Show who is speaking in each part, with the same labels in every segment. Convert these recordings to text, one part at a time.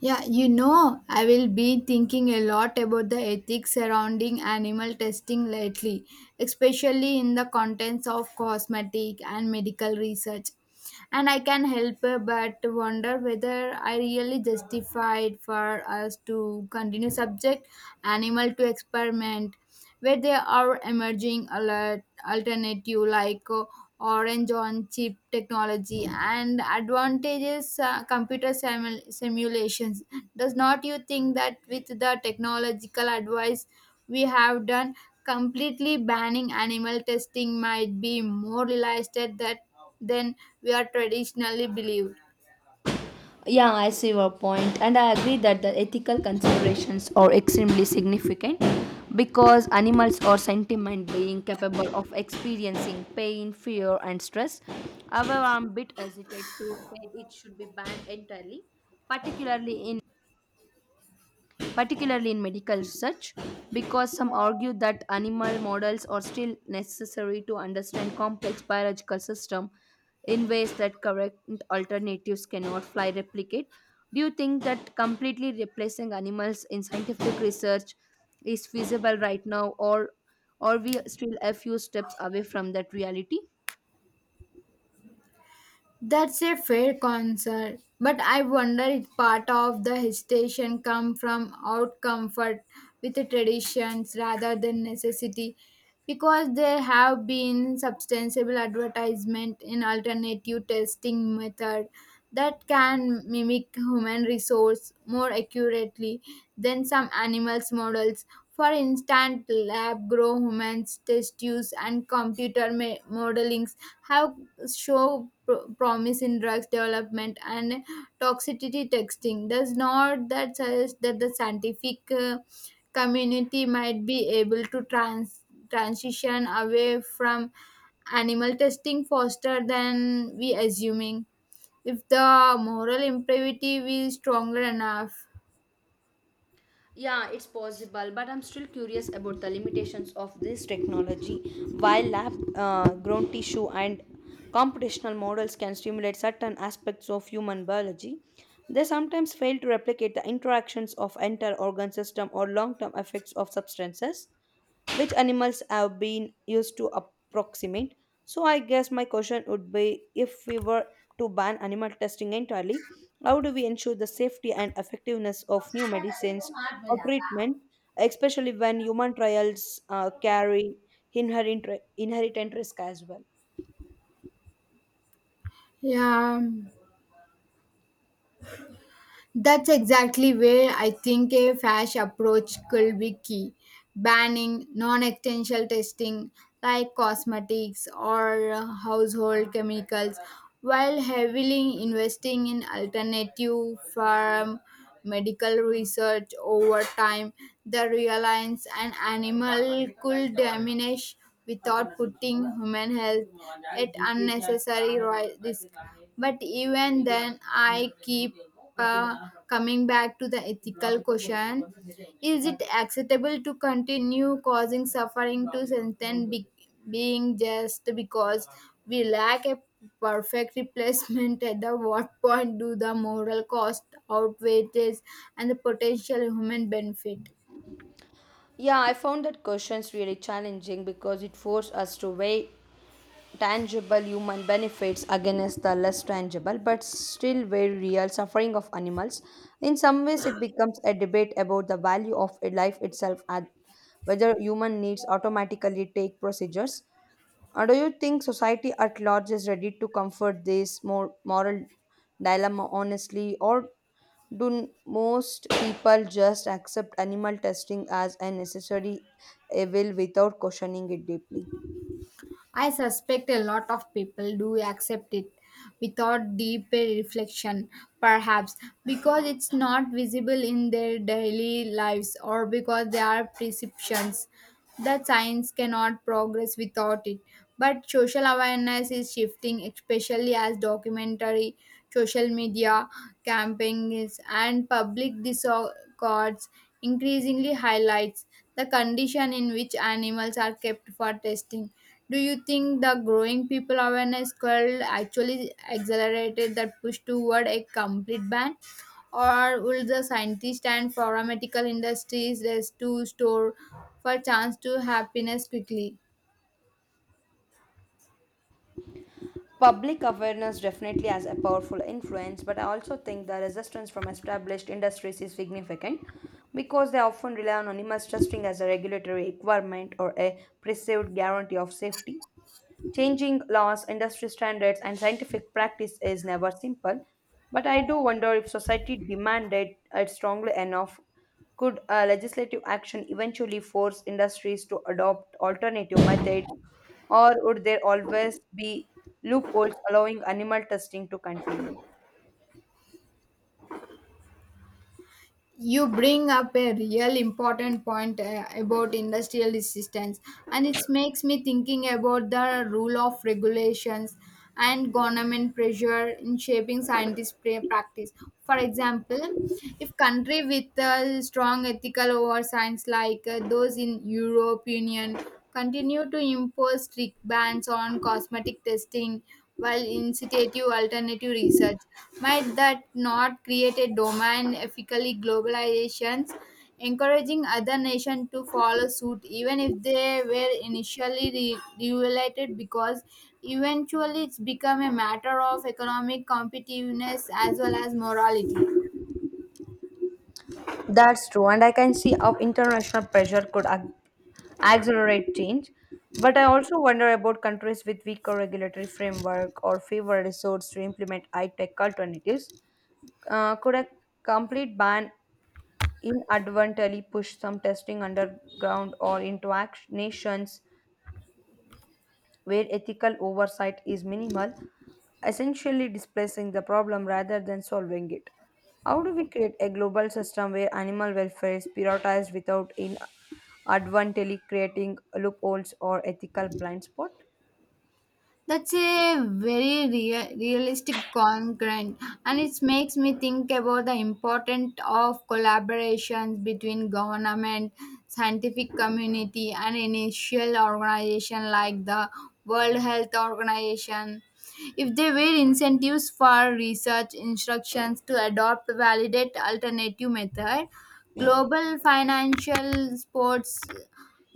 Speaker 1: Yeah, you know, I will be thinking a lot about the ethics surrounding animal testing lately, especially in the contents of cosmetic and medical research. And I can help but wonder whether I really justified for us to continue subject animal to experiment where there are emerging alert alternative like orange on chip technology and advantages computer simulations. Does not you think that with the technological advice we have done, completely banning animal testing might be more realistic that than we are traditionally believed?
Speaker 2: Yeah, I see your point, and I agree that the ethical considerations are extremely significant because animals are sentient beings capable of experiencing pain, fear, and stress. However, I'm a bit hesitant to say it should be banned entirely, particularly in particularly in medical research, because some argue that animal models are still necessary to understand complex biological systems in ways that current alternatives cannot fly replicate. Do you think that completely replacing animals in scientific research is feasible right now, or are we still a few steps away from that reality?
Speaker 1: That's a fair concern, but I wonder if part of the hesitation come from out comfort with the traditions rather than necessity, because there have been substantial advertisement in alternative testing method that can mimic human resource more accurately than some animals models. For instance, lab grow humans test use and computer modelings have promise in drugs development and toxicity testing. Does not that suggest that the scientific community might be able to transition away from animal testing faster than we assuming, if the moral imperative is stronger enough?
Speaker 2: Yeah, it's possible, but I'm still curious about the limitations of this technology. While lab grown tissue and computational models can stimulate certain aspects of human biology, they sometimes fail to replicate the interactions of entire organ system or long term effects of substances which animals have been used to approximate. So I guess my question would be, if we were to ban animal testing entirely, how do we ensure the safety and effectiveness of new medicines or treatment, especially when human trials carry inherent inherent risk as well?
Speaker 1: Yeah, that's exactly where I think a fash approach could be key: banning non-essential testing like cosmetics or household chemicals while heavily investing in alternative farm medical research. Over time, the reliance on animal could diminish without putting human health at unnecessary risk. But even then, I keep uh, coming back to the ethical question. Is it acceptable to continue causing suffering to sentient being just because we lack a perfect replacement? At the what point do the moral cost outweigh this and the potential human benefit?
Speaker 2: Yeah, I found that questions really challenging because it forced us to weigh tangible human benefits against the less tangible but still very real suffering of animals. In some ways, it becomes a debate about the value of a life itself and whether human needs automatically take procedures. Or do you think society at large is ready to comfort this more moral dilemma honestly, or most people just accept animal testing as a necessary evil without questioning it deeply?
Speaker 1: I suspect a lot of people do accept it without deeper reflection, perhaps because it's not visible in their daily lives, or because there are perceptions that science cannot progress without it. But social awareness is shifting, especially as documentary, social media campaigns, and public discourse increasingly highlights the condition in which animals are kept for testing. Do you think the growing people awareness could actually accelerated that push toward a complete ban? Or will the scientists and pharmaceutical industries rest to store for chance to happiness quickly?
Speaker 2: Public awareness definitely has a powerful influence, but I also think the resistance from established industries is significant because they often rely on anonymous testing as a regulatory requirement or a perceived guarantee of safety. Changing laws, industry standards, and scientific practice is never simple, but I do wonder if society demanded it strongly enough. Could legislative action eventually force industries to adopt alternative methods, or would there always be loopholes allowing animal testing to continue?
Speaker 1: You bring up a real important point about industrial resistance, and it makes me thinking about the rule of regulations and government pressure in shaping scientist practice. For example, if country with a strong ethical over science like those in Europe Union continue to impose strict bans on cosmetic testing while incitative alternative research, might that not create a domain ethically globalizations, encouraging other nations to follow suit even if they were initially regulated? Because eventually it's become a matter of economic competitiveness as well as morality.
Speaker 2: That's true, and I can see how international pressure could accelerate change. But I also wonder about countries with weaker regulatory framework or fewer resources to implement high tech alternatives. Could a complete ban inadvertently push some testing underground or into nations where ethical oversight is minimal, essentially displacing the problem rather than solving it? How do we create a global system where animal welfare is prioritized without inadvertently creating loopholes or ethical blind spots?
Speaker 1: That's a very realistic concern, and it makes me think about the importance of collaborations between government, scientific community, and initial organization like the World Health Organization. If there were incentives for research instructions to adopt validate alternative method, global financial sports,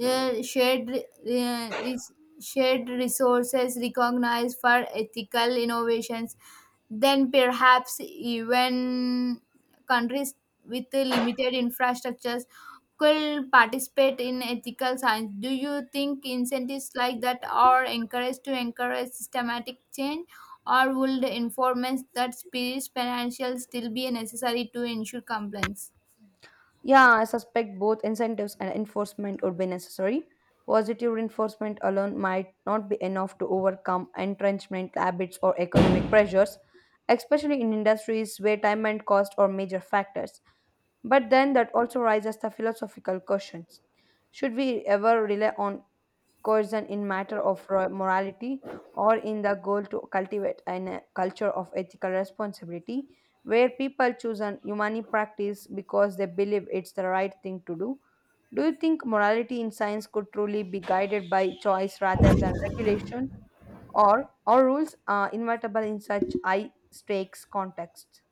Speaker 1: uh, shared uh, res- shared resources recognized for ethical innovations, then perhaps even countries with limited infrastructures could participate in ethical science. Do you think incentives like that are encouraged to encourage systematic change, or would the informants that spirit financial still be necessary to ensure compliance?
Speaker 2: Yeah, I suspect both incentives and enforcement would be necessary. Positive reinforcement alone might not be enough to overcome entrenchment habits or economic pressures, especially in industries where time and cost are major factors. But then that also raises the philosophical questions. Should we ever rely on coercion in matter of morality, or in the goal to cultivate a culture of ethical responsibility where people choose an humane practice because they believe it's the right thing to do? Do you think morality in science could truly be guided by choice rather than regulation, or rules inevitable in such high stakes contexts?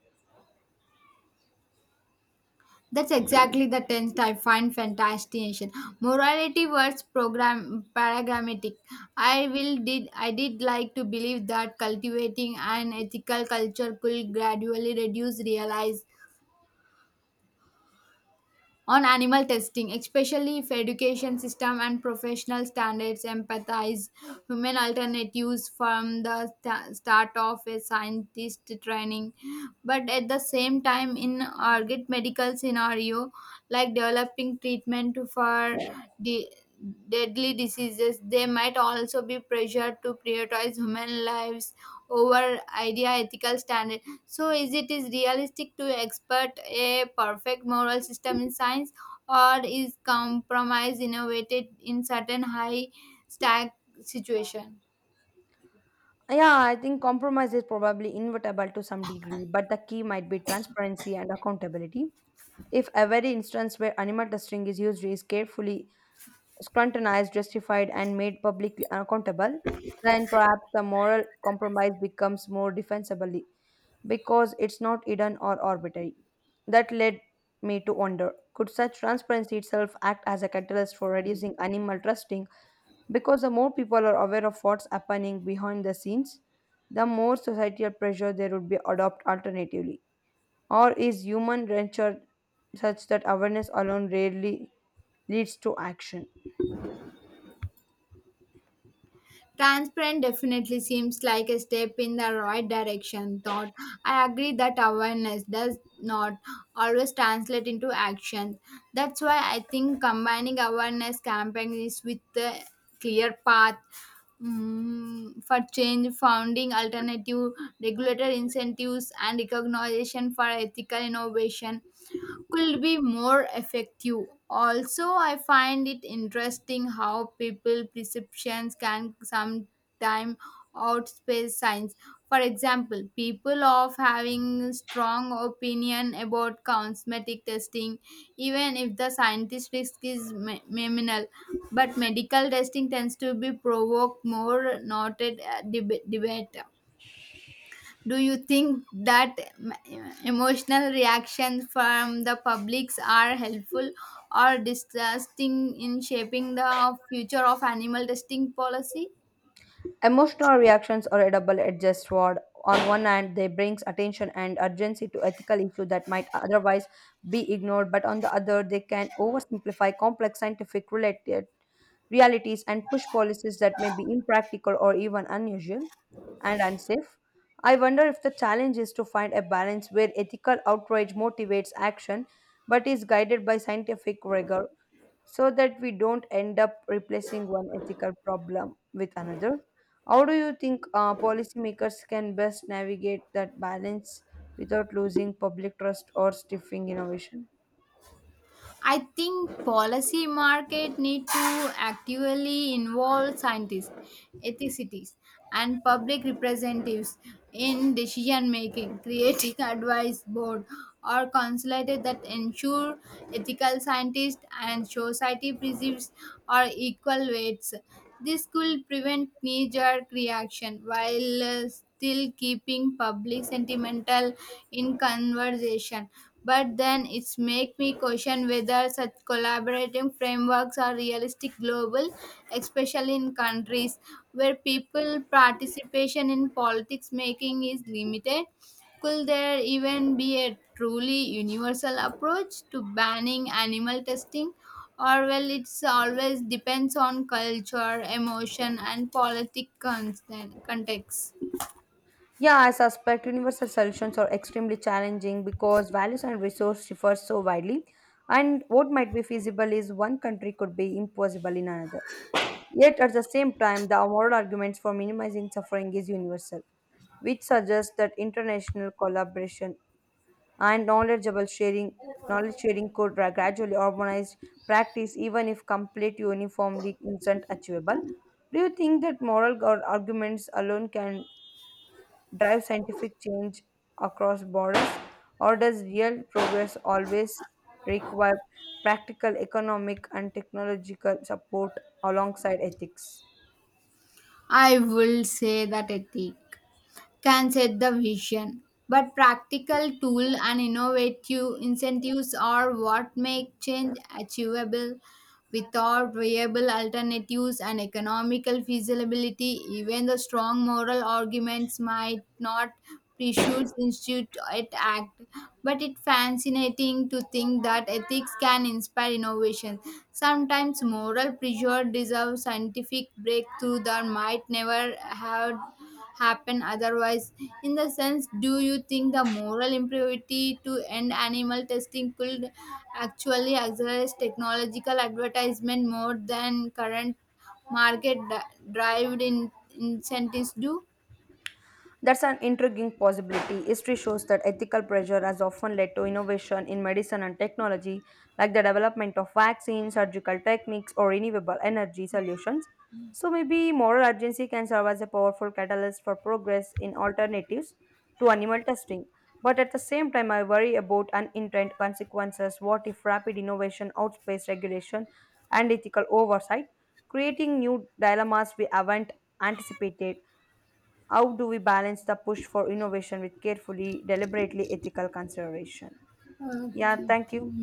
Speaker 1: That's exactly the tense I find fascination. Morality was program paradigmatic. I will did like to believe that cultivating an ethical culture could gradually reduce realize on animal testing, especially if education system and professional standards empathize human alternatives from the start of a scientist training. But at the same time, in urgent medical scenario like developing treatment for the deadly diseases, they might also be pressured to prioritize human lives over idea ethical standard. So is it is realistic to expect a perfect moral system in science, or is compromise innovated in certain high stack situation?
Speaker 2: Yeah, I think compromise is probably inevitable to some degree, but the key might be transparency and accountability. If every instance where animal testing is used is carefully scrutinized, justified, and made publicly accountable, then perhaps the moral compromise becomes more defensibly because it's not hidden or arbitrary. That led me to wonder, could such transparency itself act as a catalyst for reducing animal testing, because the more people are aware of what's happening behind the scenes, the more societal pressure there would be adopt alternatively? Or is human nature such that awareness alone rarely leads to action?
Speaker 1: Transparent definitely seems like a step in the right direction, thought. I agree that awareness does not always translate into action. That's why I think combining awareness campaigns with the clear path for change, founding alternative regulator incentives, and recognition for ethical innovation could be more effective. Also, I find it interesting how people perceptions can sometimes outpace science. For example, people of having strong opinion about cosmetic testing, even if the scientist risk is minimal. But medical testing tends to be provoked more noted debate. Do you think that emotional reactions from the publics are helpful or distrusting in shaping the future of animal testing policy?
Speaker 2: Emotional reactions are a double-edged sword. On one hand, they brings attention and urgency to ethical issues that might otherwise be ignored, but on the other, they can oversimplify complex scientific related realities and push policies that may be impractical or even unusual and unsafe. I wonder if the challenge is to find a balance where ethical outrage motivates action but is guided by scientific rigor, so that we don't end up replacing one ethical problem with another. How do you think policymakers can best navigate that balance without losing public trust or stifling innovation?
Speaker 1: I think policy market need to actively involve scientists, ethicities, and public representatives in decision making, creating advice board or consulate that ensure ethical scientists and society perceives or equal weights. This could prevent knee-jerk reaction while still keeping public sentimental in conversation. But then it's make me question whether such collaborating frameworks are realistic global, especially in countries where people participation in politics making is limited. Could there even be a truly universal approach to banning animal testing? Or well, it's always depends on culture, emotion and context.
Speaker 2: Yeah, I suspect universal solutions are extremely challenging because values and resources differ so widely, and what might be feasible is one country could be impossible in another. Yet at the same time, the moral arguments for minimizing suffering is universal, which suggests that international collaboration and knowledge sharing could gradually organize practice even if complete uniformly isn't achievable. Do you think that moral arguments alone can drive scientific change across borders, or does real progress always require practical economic and technological support alongside ethics?
Speaker 1: I will say that ethic. Can set the vision, but practical tools and innovative incentives are what make change achievable. Without viable alternatives and economical feasibility, even the strong moral arguments might not pursue institute it act. But it's fascinating to think that ethics can inspire innovation. Sometimes moral pressure deserves scientific breakthrough that might never have happen otherwise. In the sense, do you think the moral impurity to end animal testing could actually accelerate technological advertisement more than current market driven in incentives do?
Speaker 2: That's an intriguing possibility. History shows that ethical pressure has often led to innovation in medicine and technology, like the development of vaccines, surgical techniques, or renewable energy solutions. So maybe moral urgency can serve as a powerful catalyst for progress in alternatives to animal testing. But at the same time, I worry about unintended consequences. What if rapid innovation outpaces regulation and ethical oversight, creating new dilemmas we haven't anticipated? How do we balance the push for innovation with carefully, deliberately ethical consideration? Yeah, thank you.